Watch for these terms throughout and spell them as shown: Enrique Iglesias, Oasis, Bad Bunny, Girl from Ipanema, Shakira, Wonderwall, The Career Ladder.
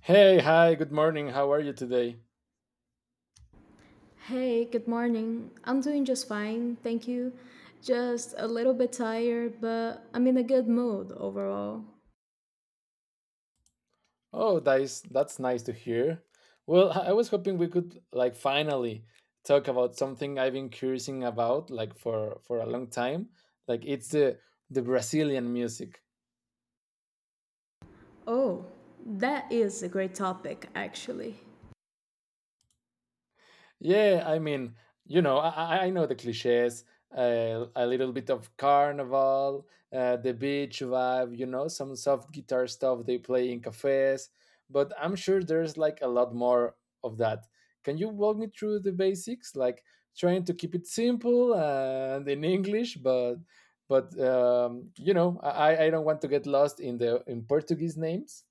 Hey, hi, good morning. How are you today? Hey, good morning. I'm doing just fine, thank you. Just a little bit tired, but I'm in a good mood overall. Oh, that's nice to hear. Well, I was hoping we could like finally talk about something I've been curious about like for a long time. Like it's the Brazilian music. Oh, that is a great topic, actually. Yeah, I mean, you know, I know the cliches. A little bit of carnival, the beach vibe, you know, some soft guitar stuff they play in cafes. But I'm sure there's like a lot more of that. Can you walk me through the basics, like trying to keep it simple and in English, but you know, I don't want to get lost in the in Portuguese names.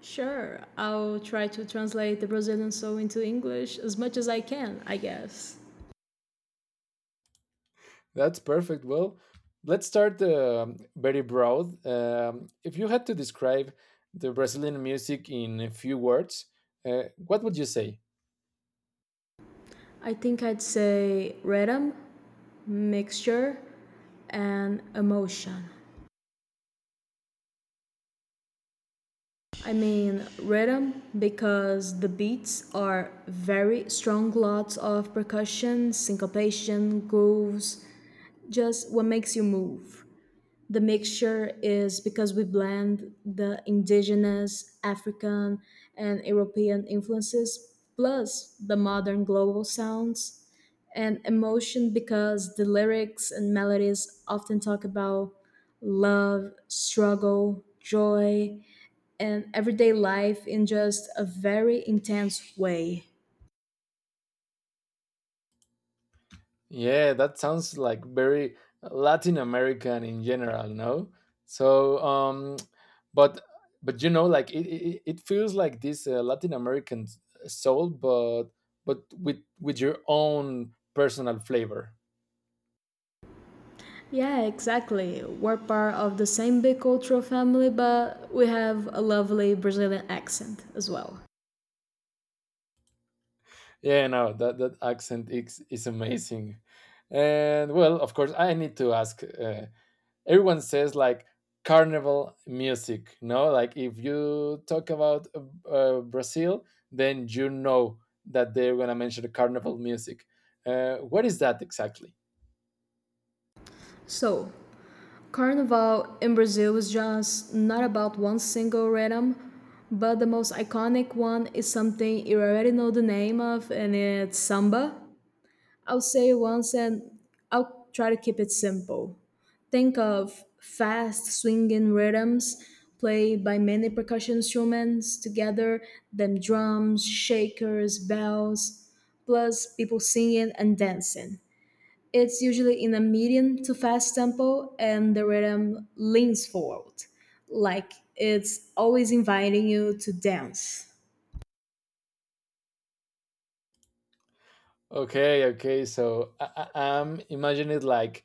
Sure, I'll try to translate the Brazilian soul into English as much as I can, I guess. That's perfect. Well, let's start very broad. If you had to describe the Brazilian music in a few words, what would you say? I think I'd say rhythm, mixture, and emotion. I mean rhythm because the beats are very strong, lots of percussion, syncopation, grooves, just what makes you move. The mixture is because we blend the indigenous, African, and European influences, plus the modern global sounds. And emotion because the lyrics and melodies often talk about love, struggle, joy, and everyday life in just a very intense way. Yeah, that sounds like very Latin American in general, no? So, but but you know, like it feels like this Latin American soul, but with your own personal flavor. Yeah, exactly. We're part of the same big cultural family, but we have a lovely Brazilian accent as well. Yeah, no, that accent is amazing. And well, of course, I need to ask. Everyone says like carnival music, no? Like if you talk about Brazil, then you know that they're going to mention the carnival music. What is that exactly? So, Carnival in Brazil is just not about one single rhythm, but the most iconic one is something you already know the name of, and it's samba. I'll say it once and I'll try to keep it simple. Think of fast swinging rhythms played by many percussion instruments together, them drums, shakers, bells, plus people singing and dancing. It's usually in a medium to fast tempo, and the rhythm leans forward, like it's always inviting you to dance. Okay, okay. So I'm imagining it like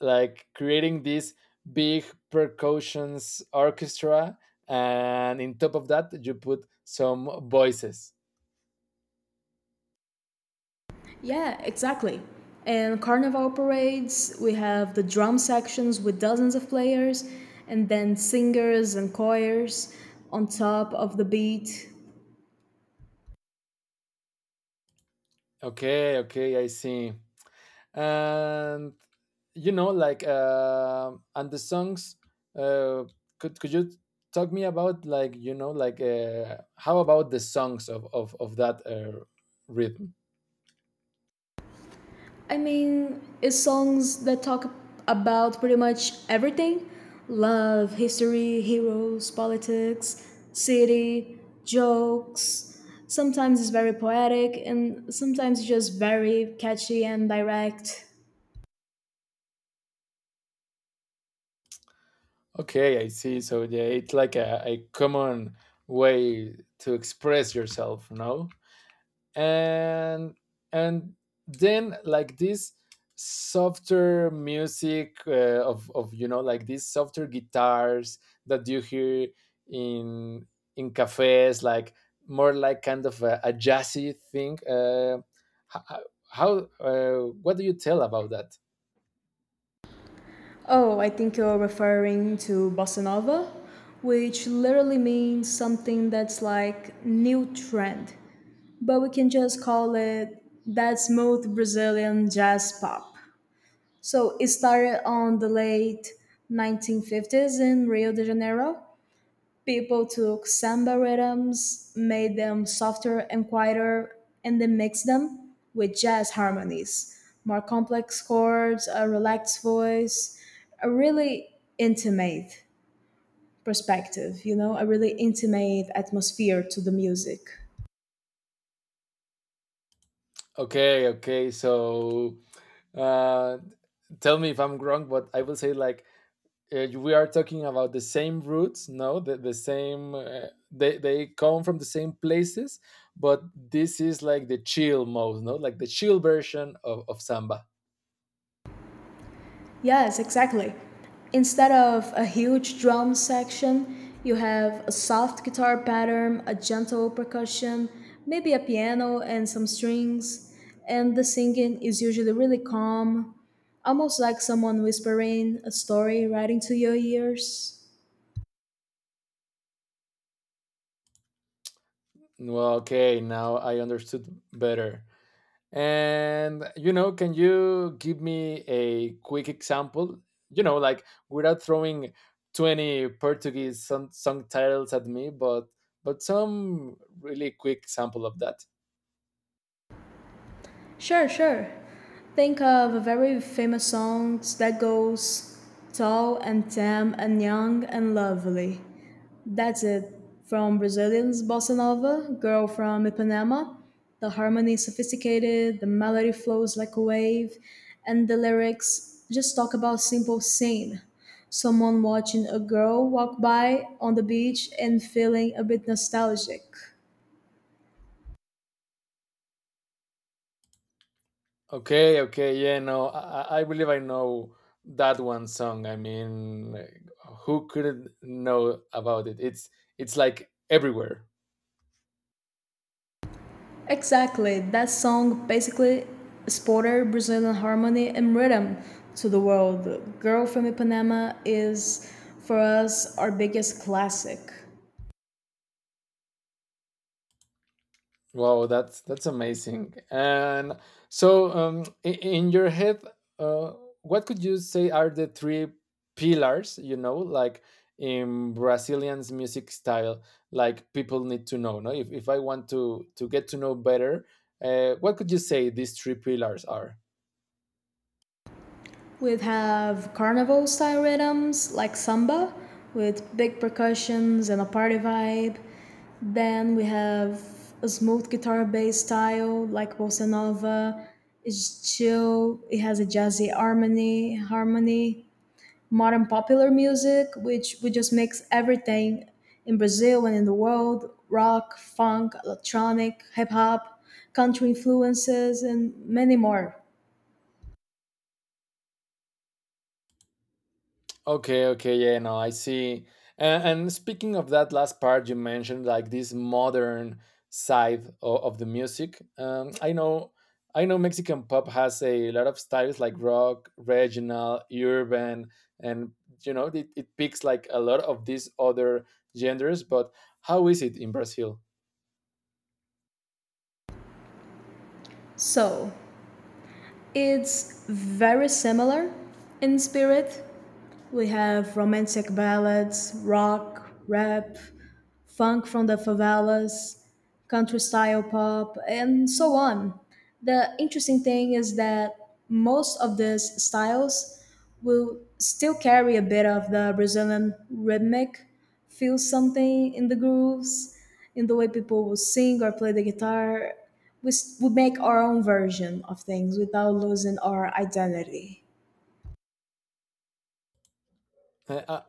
like creating this big percussions orchestra, and in top of that you put some voices. Yeah, exactly. And carnival parades, we have the drum sections with dozens of players, and then singers and choirs on top of the beat. Okay, okay, I see. And you know, like and the songs, uh, could you talk me about, like, you know, like, how about the songs of that rhythm? I mean, it's songs that talk about pretty much everything: love, history, heroes, politics, city, jokes. Sometimes it's very poetic, and sometimes it's just very catchy and direct. Okay, I see. So yeah, it's like a common way to express yourself, no? And and then like this softer music, of you know, like these softer guitars that you hear in in cafes, like more like kind of a jazzy thing, ho- ho- how what do you tell about that? Oh, I think you're referring to bossa nova, which literally means something that's like new trend, but we can just call it that smooth Brazilian jazz pop. So it started on the late 1950s in Rio de Janeiro. People took samba rhythms, made them softer and quieter, and then mixed them with jazz harmonies, more complex chords, a relaxed voice, a really intimate perspective, you know, a really intimate atmosphere to the music. Okay, okay. So, uh, tell me if I'm wrong, but I will say like we are talking about the same roots, no, the same. They come from the same places, but this is like the chill mode, no, like the chill version of samba. Yes, exactly. Instead of a huge drum section, you have a soft guitar pattern, a gentle percussion, maybe a piano and some strings, and the singing is usually really calm, almost like someone whispering a story right into your ears. Well, okay, now I understood better. And you know, can you give me a quick example? You know, like, without throwing 20 Portuguese song titles at me, but some really quick sample of that. Sure, sure. Think of a very famous song that goes tall and tame and young and lovely. That's it. From Brazilian's bossa nova, Girl from Ipanema, the harmony is sophisticated, the melody flows like a wave, and the lyrics just talk about simple scene. Someone watching a girl walk by on the beach and feeling a bit nostalgic. Okay, okay, yeah, no, I believe I know that one song. I mean, who couldn't know about it? It's like everywhere. Exactly. That song basically exported Brazilian harmony and rhythm to the world. Girl from Ipanema is, for us, our biggest classic. Wow, that's amazing. And so, in your head, uh, what could you say are the three pillars? You know, like in Brazilian's music style, like people need to know. No, if I want to get to know better, what could you say these three pillars are? We'd have carnival style rhythms like samba with big percussions and a party vibe. Then we have a smooth guitar based style like bossa nova. It's chill, it has a jazzy harmony, modern popular music which we just mix everything in Brazil and in the world, rock, funk, electronic, hip hop, country influences and many more. Okay, okay, yeah, no, I see. And speaking of that last part you mentioned, like this modern side of the music, I know Mexican pop has a lot of styles, like rock, regional, urban, and you know, it picks like a lot of these other genders. But how is it in Brazil? So, it's very similar in spirit. We have romantic ballads, rock, rap, funk from the favelas, country style pop, and so on. The interesting thing is that most of these styles will still carry a bit of the Brazilian rhythmic, feel something in the grooves, in the way people will sing or play the guitar. We make our own version of things without losing our identity. Uh, I, I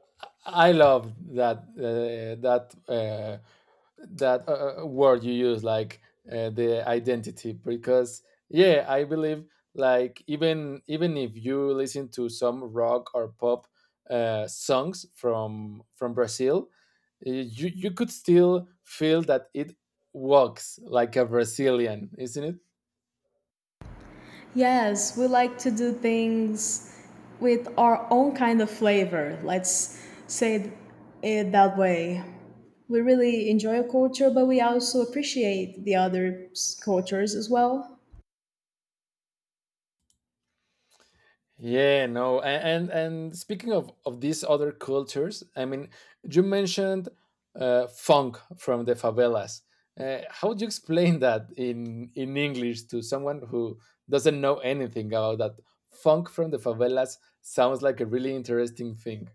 I love that word you use, like the identity, because yeah, I believe like, even if you listen to some rock or pop songs from Brazil, you could still feel that it walks like a Brazilian, isn't it? Yes, we like to do things with our own kind of flavor. Let's say it that way. We really enjoy a culture, but we also appreciate the other cultures as well. Yeah, no, and speaking of these other cultures, I mean, you mentioned funk from the favelas. How would you explain that in English to someone who doesn't know anything about that? Funk from the favelas sounds like a really interesting thing.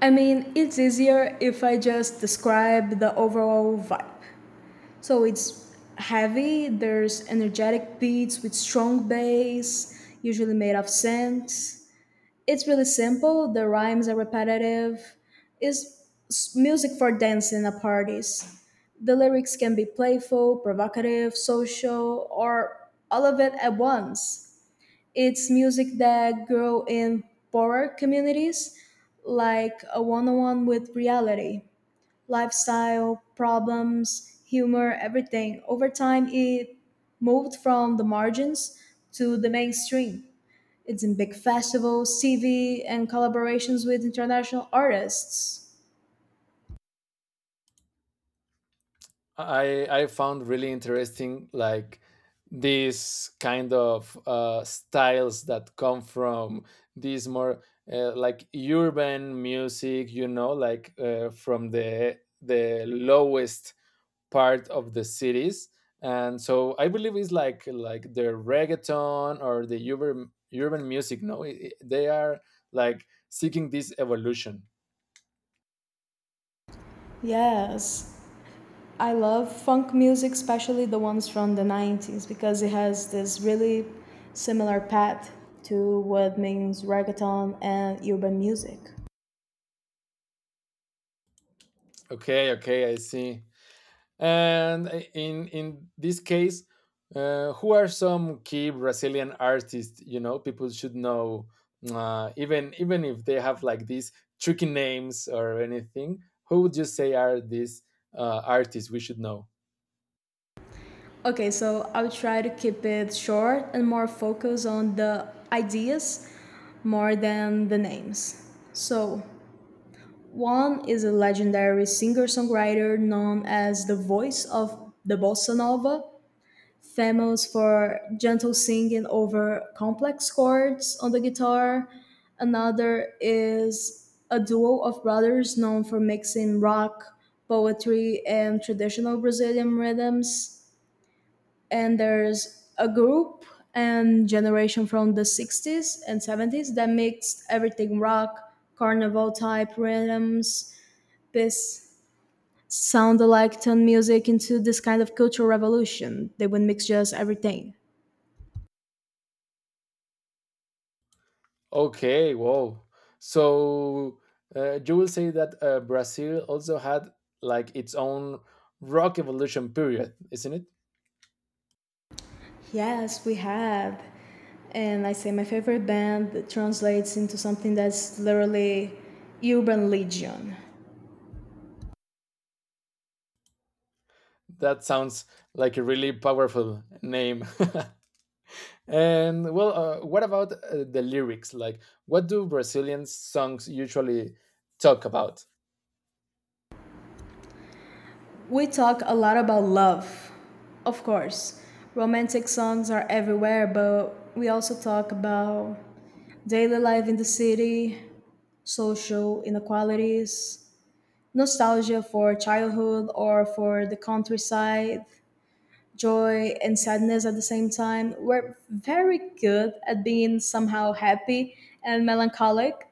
I mean, it's easier if I just describe the overall vibe. So it's heavy, there's energetic beats with strong bass, usually made of synths. It's really simple. The rhymes are repetitive. Music for dancing at parties. The lyrics can be playful, provocative, social, or all of it at once. It's music that grow in poorer communities, like a one-on-one with reality, lifestyle, problems, humor, everything. Over time, it moved from the margins to the mainstream. It's in big festivals, CV, and collaborations with international artists. I found really interesting like these kind of styles that come from these more like urban music, you know, like from the lowest part of the cities. And so I believe it's like the reggaeton or the urban music. No, they are like seeking this evolution. Yes. I love funk music, especially the ones from the 90s, because it has this really similar path to what means reggaeton and urban music. Okay, okay, I see. And in this case, who are some key Brazilian artists? You know, people should know, even if they have like these tricky names or anything. Who would you say are these artists we should know? Okay, so I'll try to keep it short and more focus on the ideas more than the names. So, one is a legendary singer-songwriter known as the voice of the bossa nova, famous for gentle singing over complex chords on the guitar. Another is a duo of brothers known for mixing rock, poetry, and traditional Brazilian rhythms. And there's a group and generation from the 60s and 70s that mixed everything: rock, carnival type rhythms, this sound-alike turned music into this kind of cultural revolution. They would mix just everything. Okay, wow. So you will say that Brazil also had like its own rock evolution period, isn't it? Yes, we have. And I say my favorite band that translates into something that's literally urban legion. That sounds like a really powerful name. And well, what about the lyrics? Like, what do Brazilian songs usually talk about? We talk a lot about love, of course. Romantic songs are everywhere, but we also talk about daily life in the city, social inequalities, nostalgia for childhood or for the countryside, joy and sadness at the same time. We're very good at being somehow happy and melancholic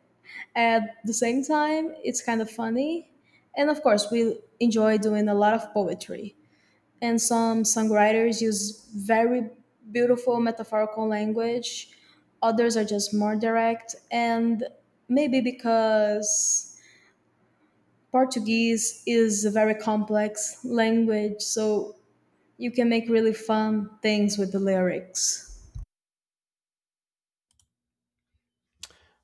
at the same time. It's kind of funny. And of course, we enjoy doing a lot of poetry. And some songwriters use very beautiful metaphorical language, others are just more direct. And maybe because Portuguese is a very complex language, so you can make really fun things with the lyrics.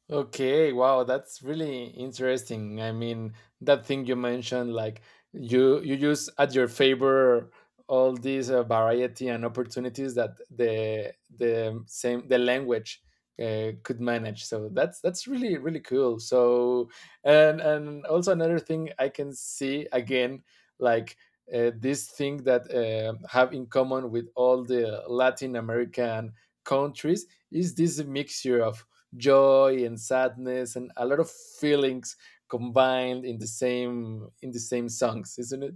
Okay, wow, that's really interesting. I mean, that thing you mentioned, like you use at your favor all these variety and opportunities that the same the language could manage. So that's really really cool. So, and also another thing I can see again, like this thing that have in common with all the Latin American countries is this mixture of joy and sadness and a lot of feelings combined in the same songs isn't it?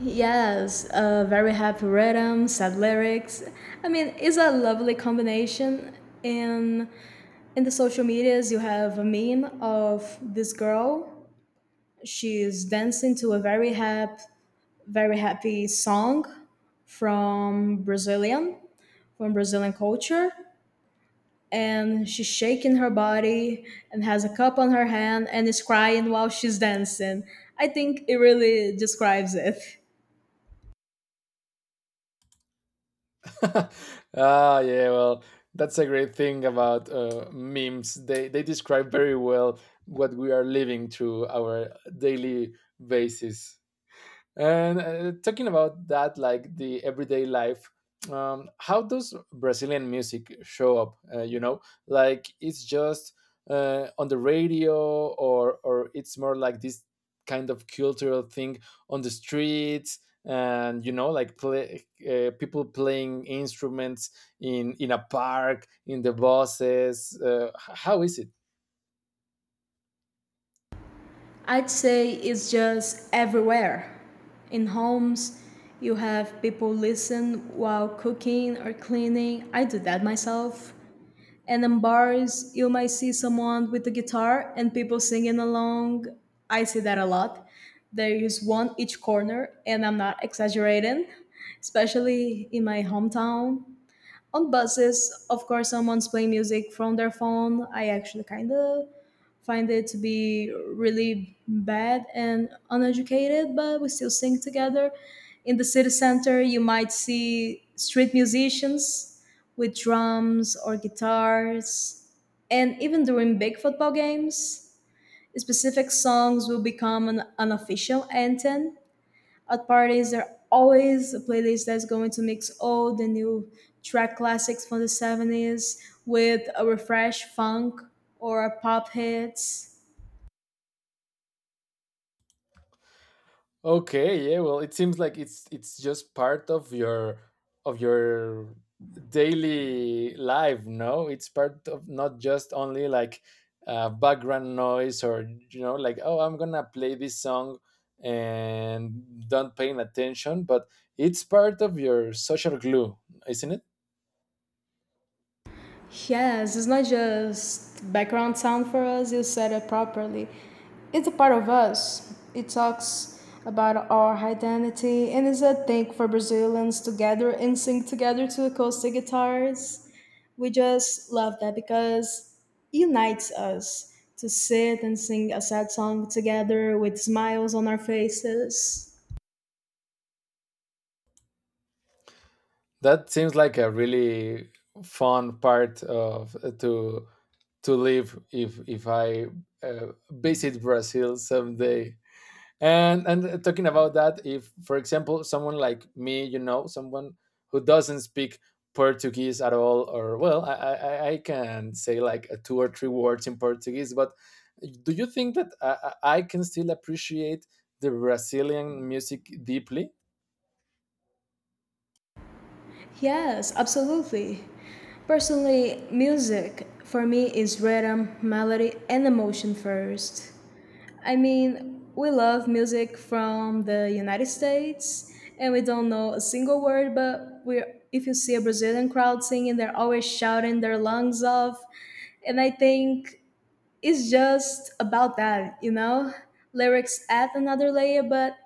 Yes, very happy rhythm, sad lyrics. I mean, it's a lovely combination. In in the social medias, you have a meme of this girl. She's dancing to a very happy song from Brazilian, from Brazilian culture, and she's shaking her body and has a cup on her hand and is crying while she's dancing. I think it really describes it. Ah yeah, well, that's a great thing about memes. They describe very well what we are living through our daily basis. And talking about that, like the everyday life, how does Brazilian music show up? You know, like, it's just on the radio, or it's more like this kind of cultural thing on the streets, and you know, like play, people playing instruments in a park, in the buses. How is it? I'd say it's just everywhere. In homes, you have people listen while cooking or cleaning. I do that myself. And in bars you might see someone with a guitar and people singing along. I see that a lot. There is one each corner and I'm not exaggerating, especially in my hometown. On buses, of course, someone's playing music from their phone. I actually kind of find it to be really bad and uneducated, but we still sing together. In the city center you might see street musicians with drums or guitars, and even during big football games specific songs will become an unofficial anthem. At parties, there are always a playlist that's going to mix old and new track classics from the 70s with a refresh funk or a pop hits. Okay, yeah, well, it seems like it's just part of your of your daily life, no? It's part of not just only like background noise, or you know, like, oh, I'm gonna play this song and don't paying attention, but it's part of your social glue, isn't it? Yes, it's not just background sound for us, you said it properly. It's a part of us. It talks about our identity and is a thing for Brazilians to gather and sing together to acoustic guitars. We just love that because it unites us to sit and sing a sad song together with smiles on our faces. That seems like a really fun part of to live if I visit Brazil someday. And talking about that, if for example someone like me, you know, someone who doesn't speak Portuguese at all, or well, I can say like a two or three words in Portuguese, but do you think that I can still appreciate the Brazilian music deeply? Yes, absolutely. Personally, music for me is rhythm, melody, and emotion first. I mean, we love music from the United States and we don't know a single word, but we, if you see a Brazilian crowd singing, they're always shouting their lungs off. And I think it's just about that, you know? Lyrics add another layer, but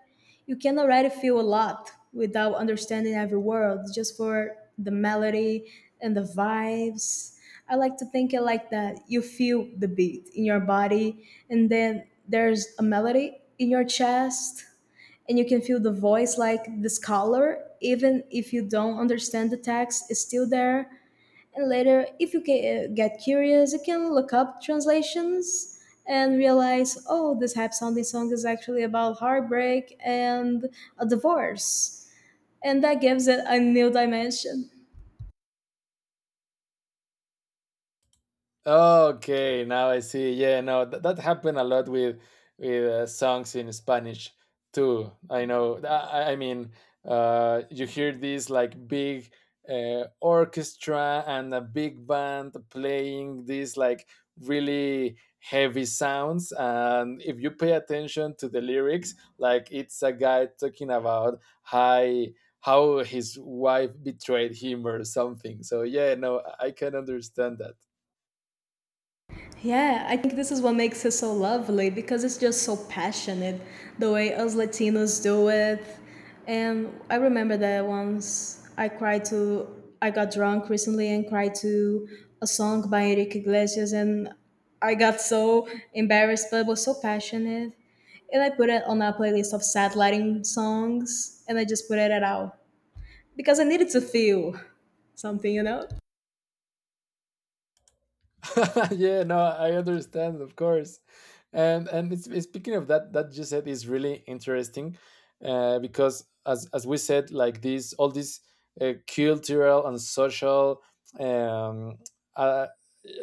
you can already feel a lot without understanding every word, just for the melody and the vibes. I like to think it like that. You feel the beat in your body, and then there's a melody in your chest, and you can feel the voice like this color. Even if you don't understand the text, it's still there. And later, if you get curious, you can look up translations and realize, oh, this happy sounding song is actually about heartbreak and a divorce. And that gives it a new dimension. Okay, now I see. Yeah, no, that happened a lot with songs in Spanish too. I know. I mean, you hear this like big orchestra and a big band playing these like really heavy sounds, and if you pay attention to the lyrics, like it's a guy talking about how his wife betrayed him or something. So yeah, no, I can understand that. Yeah, I think this is what makes it so lovely because it's just so passionate the way us Latinos do it. And I remember that once I got drunk recently and cried to a song by Enrique Iglesias, and I got so embarrassed, but it was so passionate. And I put it on a playlist of sad Latin songs, and I just put it out because I needed to feel something, you know? Yeah, no, I understand, of course. And speaking of that, that you said is really interesting, because as we said, like this, all these cultural and social, um, uh,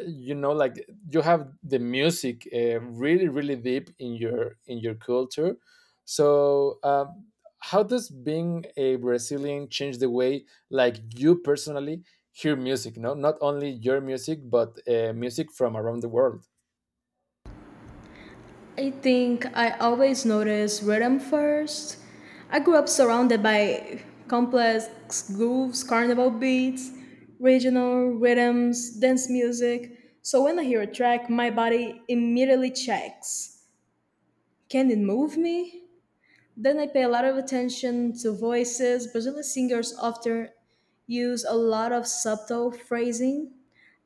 you know, like you have the music really really deep in your culture. So how does being a Brazilian change the way like you personally hear music? No, not only your music, but music from around the world. I think I always notice rhythm first. I grew up surrounded by complex grooves, carnival beats, regional rhythms, dance music. So when I hear a track, my body immediately checks. Can it move me? Then I pay a lot of attention to voices. Brazilian singers often use a lot of subtle phrasing,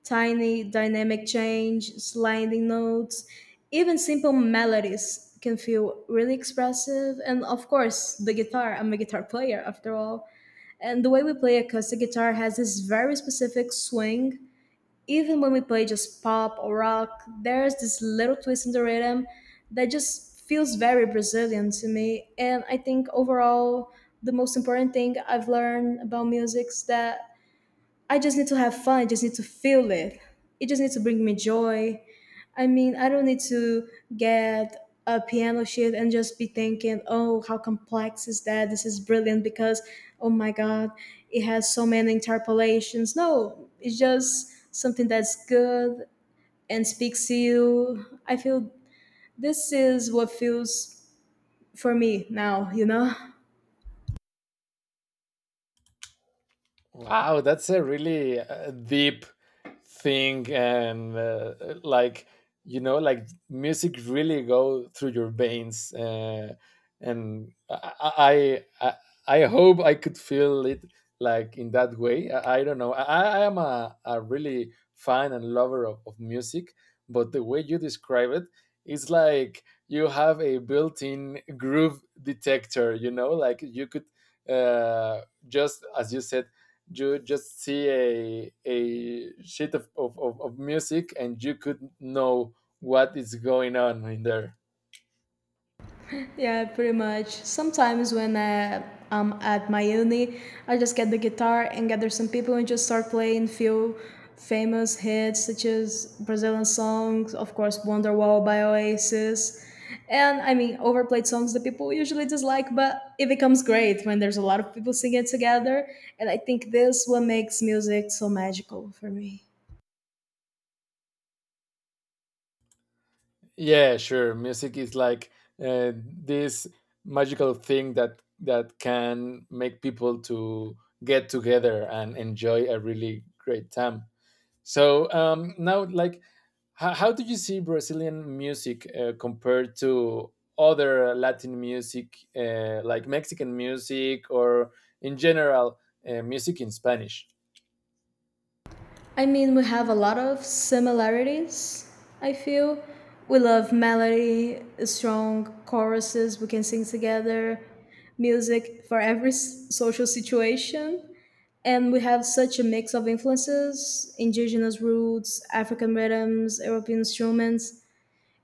tiny dynamic change, sliding notes, even simple melodies can feel really expressive. And of course, the guitar. I'm a guitar player after all. And the way we play acoustic guitar has this very specific swing. Even when we play just pop or rock, there's this little twist in the rhythm that just feels very Brazilian to me. And I think overall, the most important thing I've learned about music is that I just need to have fun. I just need to feel it. It just needs to bring me joy. I mean, I don't need to get a piano sheet and just be thinking, oh, how complex is that? This is brilliant because, oh my God, it has so many interpolations. No, it's just something that's good and speaks to you. I feel this is what feels for me now, you know? Wow, that's a really deep thing, and like you know, like music really go through your veins, and I hope I could feel it like in that way. I don't know. I am a really fan and lover of music, but the way you describe it, it's like you have a built-in groove detector. You know, like you could uh, just as you said, you just see a sheet of music and you could know what is going on in there. Yeah, pretty much. Sometimes when I'm at my uni, I just get the guitar and gather some people and just start playing few famous hits such as Brazilian songs, of course, Wonderwall by Oasis. And I mean, overplayed songs that people usually dislike, but it becomes great when there's a lot of people singing together. And I think this what makes music so magical for me. Yeah, sure, music is like this magical thing that that can make people to get together and enjoy a really great time. So um, now, like, how do you see Brazilian music compared to other Latin music, like Mexican music, or in general, music in Spanish? I mean, we have a lot of similarities, I feel. We love melody, strong choruses we can sing together, music for every social situation. And we have such a mix of influences indigenous roots, African rhythms, European instruments.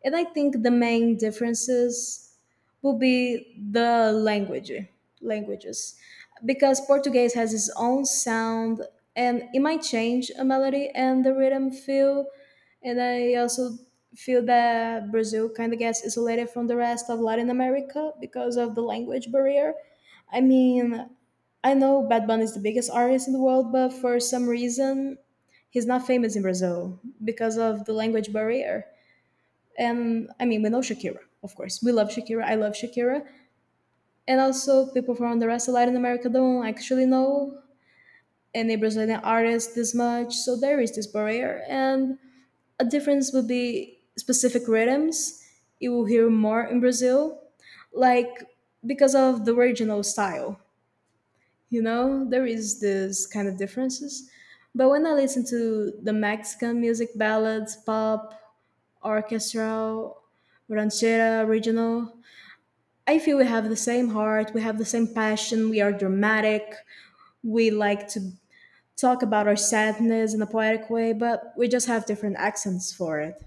And I think the main differences will be the language, languages, because Portuguese has its own sound and it might change a melody and the rhythm feel. And I also feel that Brazil kind of gets isolated from the rest of Latin America because of the language barrier. I mean, I know Bad Bunny is the biggest artist in the world, but for some reason, he's not famous in Brazil because of the language barrier. And I mean, we know Shakira, of course. We love Shakira. I love Shakira. And also, people from the rest of Latin America don't actually know any Brazilian artist this much. So there is this barrier. And a difference would be specific rhythms. You will hear more in Brazil, like because of the regional style. You know, there is this kind of differences. But when I listen to the Mexican music, ballads, pop, orchestral, ranchera, regional, I feel we have the same heart, we have the same passion, we are dramatic, we like to talk about our sadness in a poetic way, but we just have different accents for it.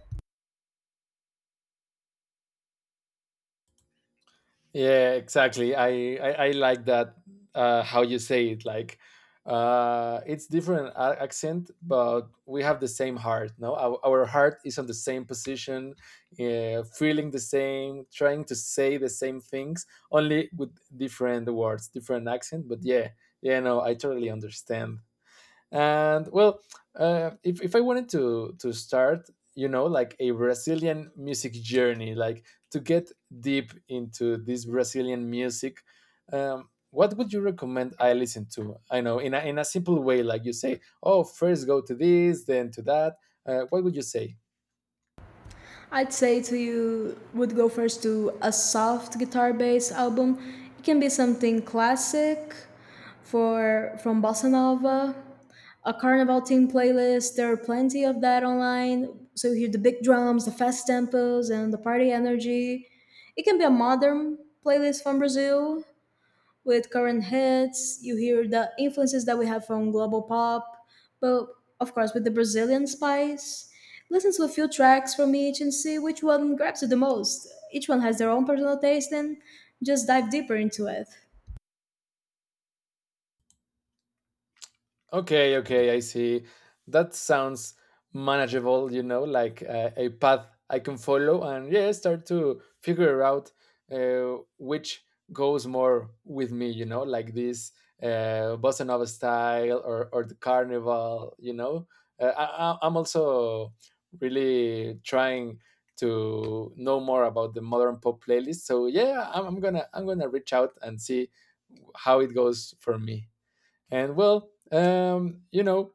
Yeah, exactly. I like that how you say it. Like, it's different accent, but we have the same heart. No, our heart is on the same position, yeah, feeling the same, trying to say the same things, only with different words, different accent. But yeah, yeah, no, I totally understand. And well, if I wanted to start, you know, like a Brazilian music journey, like to get deep into this Brazilian music, what would you recommend I listen to? I know in a simple way, like you say, oh, first go to this, then to that. What would you say? I'd say to you would go first to a soft guitar based album. It can be something classic for from bossa nova, a carnival theme playlist. There are plenty of that online. So you hear the big drums, the fast tempos, and the party energy. It can be a modern playlist from Brazil with current hits. You hear the influences that we have from global pop, but of course with the Brazilian spice. Listen to a few tracks from each and see which one grabs you the most. Each one has their own personal taste and just dive deeper into it. Okay, okay, I see. That sounds manageable, you know, like a path I can follow, and yeah, start to figure out which goes more with me, you know, like this bossa nova style, or the carnival, you know. I'm also really trying to know more about the modern pop playlist. So yeah, I'm gonna reach out and see how it goes for me. And well, you know,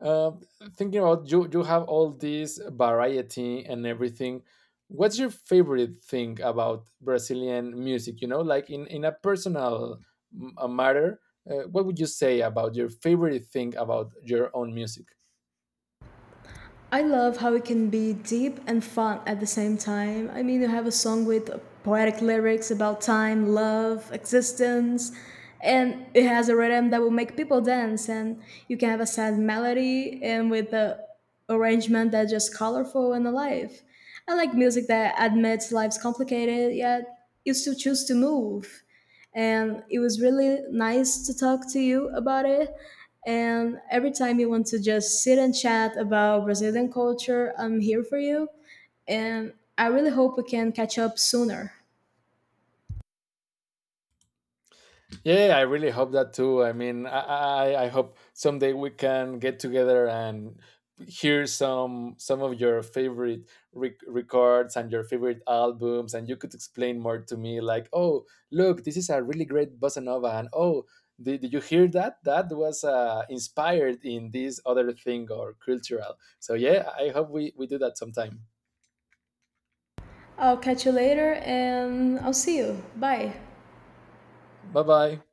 uh, thinking about you, you have all this variety and everything. What's your favorite thing about Brazilian music? You know, like in a personal m- a matter, what would you say about your favorite thing about your own music? I love how it can be deep and fun at the same time. I mean, you have a song with poetic lyrics about time, love, existence, and it has a rhythm that will make people dance. And you can have a sad melody and with the arrangement that's just colorful and alive. I like music that admits life's complicated, yet you still choose to move. And it was really nice to talk to you about it. And every time you want to just sit and chat about Brazilian culture, I'm here for you. And I really hope we can catch up sooner. Yeah, yeah, I really hope that too. I mean, I hope someday we can get together and hear some of your favorite records and your favorite albums, and you could explain more to me, like, oh, look, this is a really great bossa nova, and oh, did you hear that? That was inspired in this other thing or cultural. So yeah, I hope we do that sometime. I'll catch you later and I'll see you. Bye. Bye bye.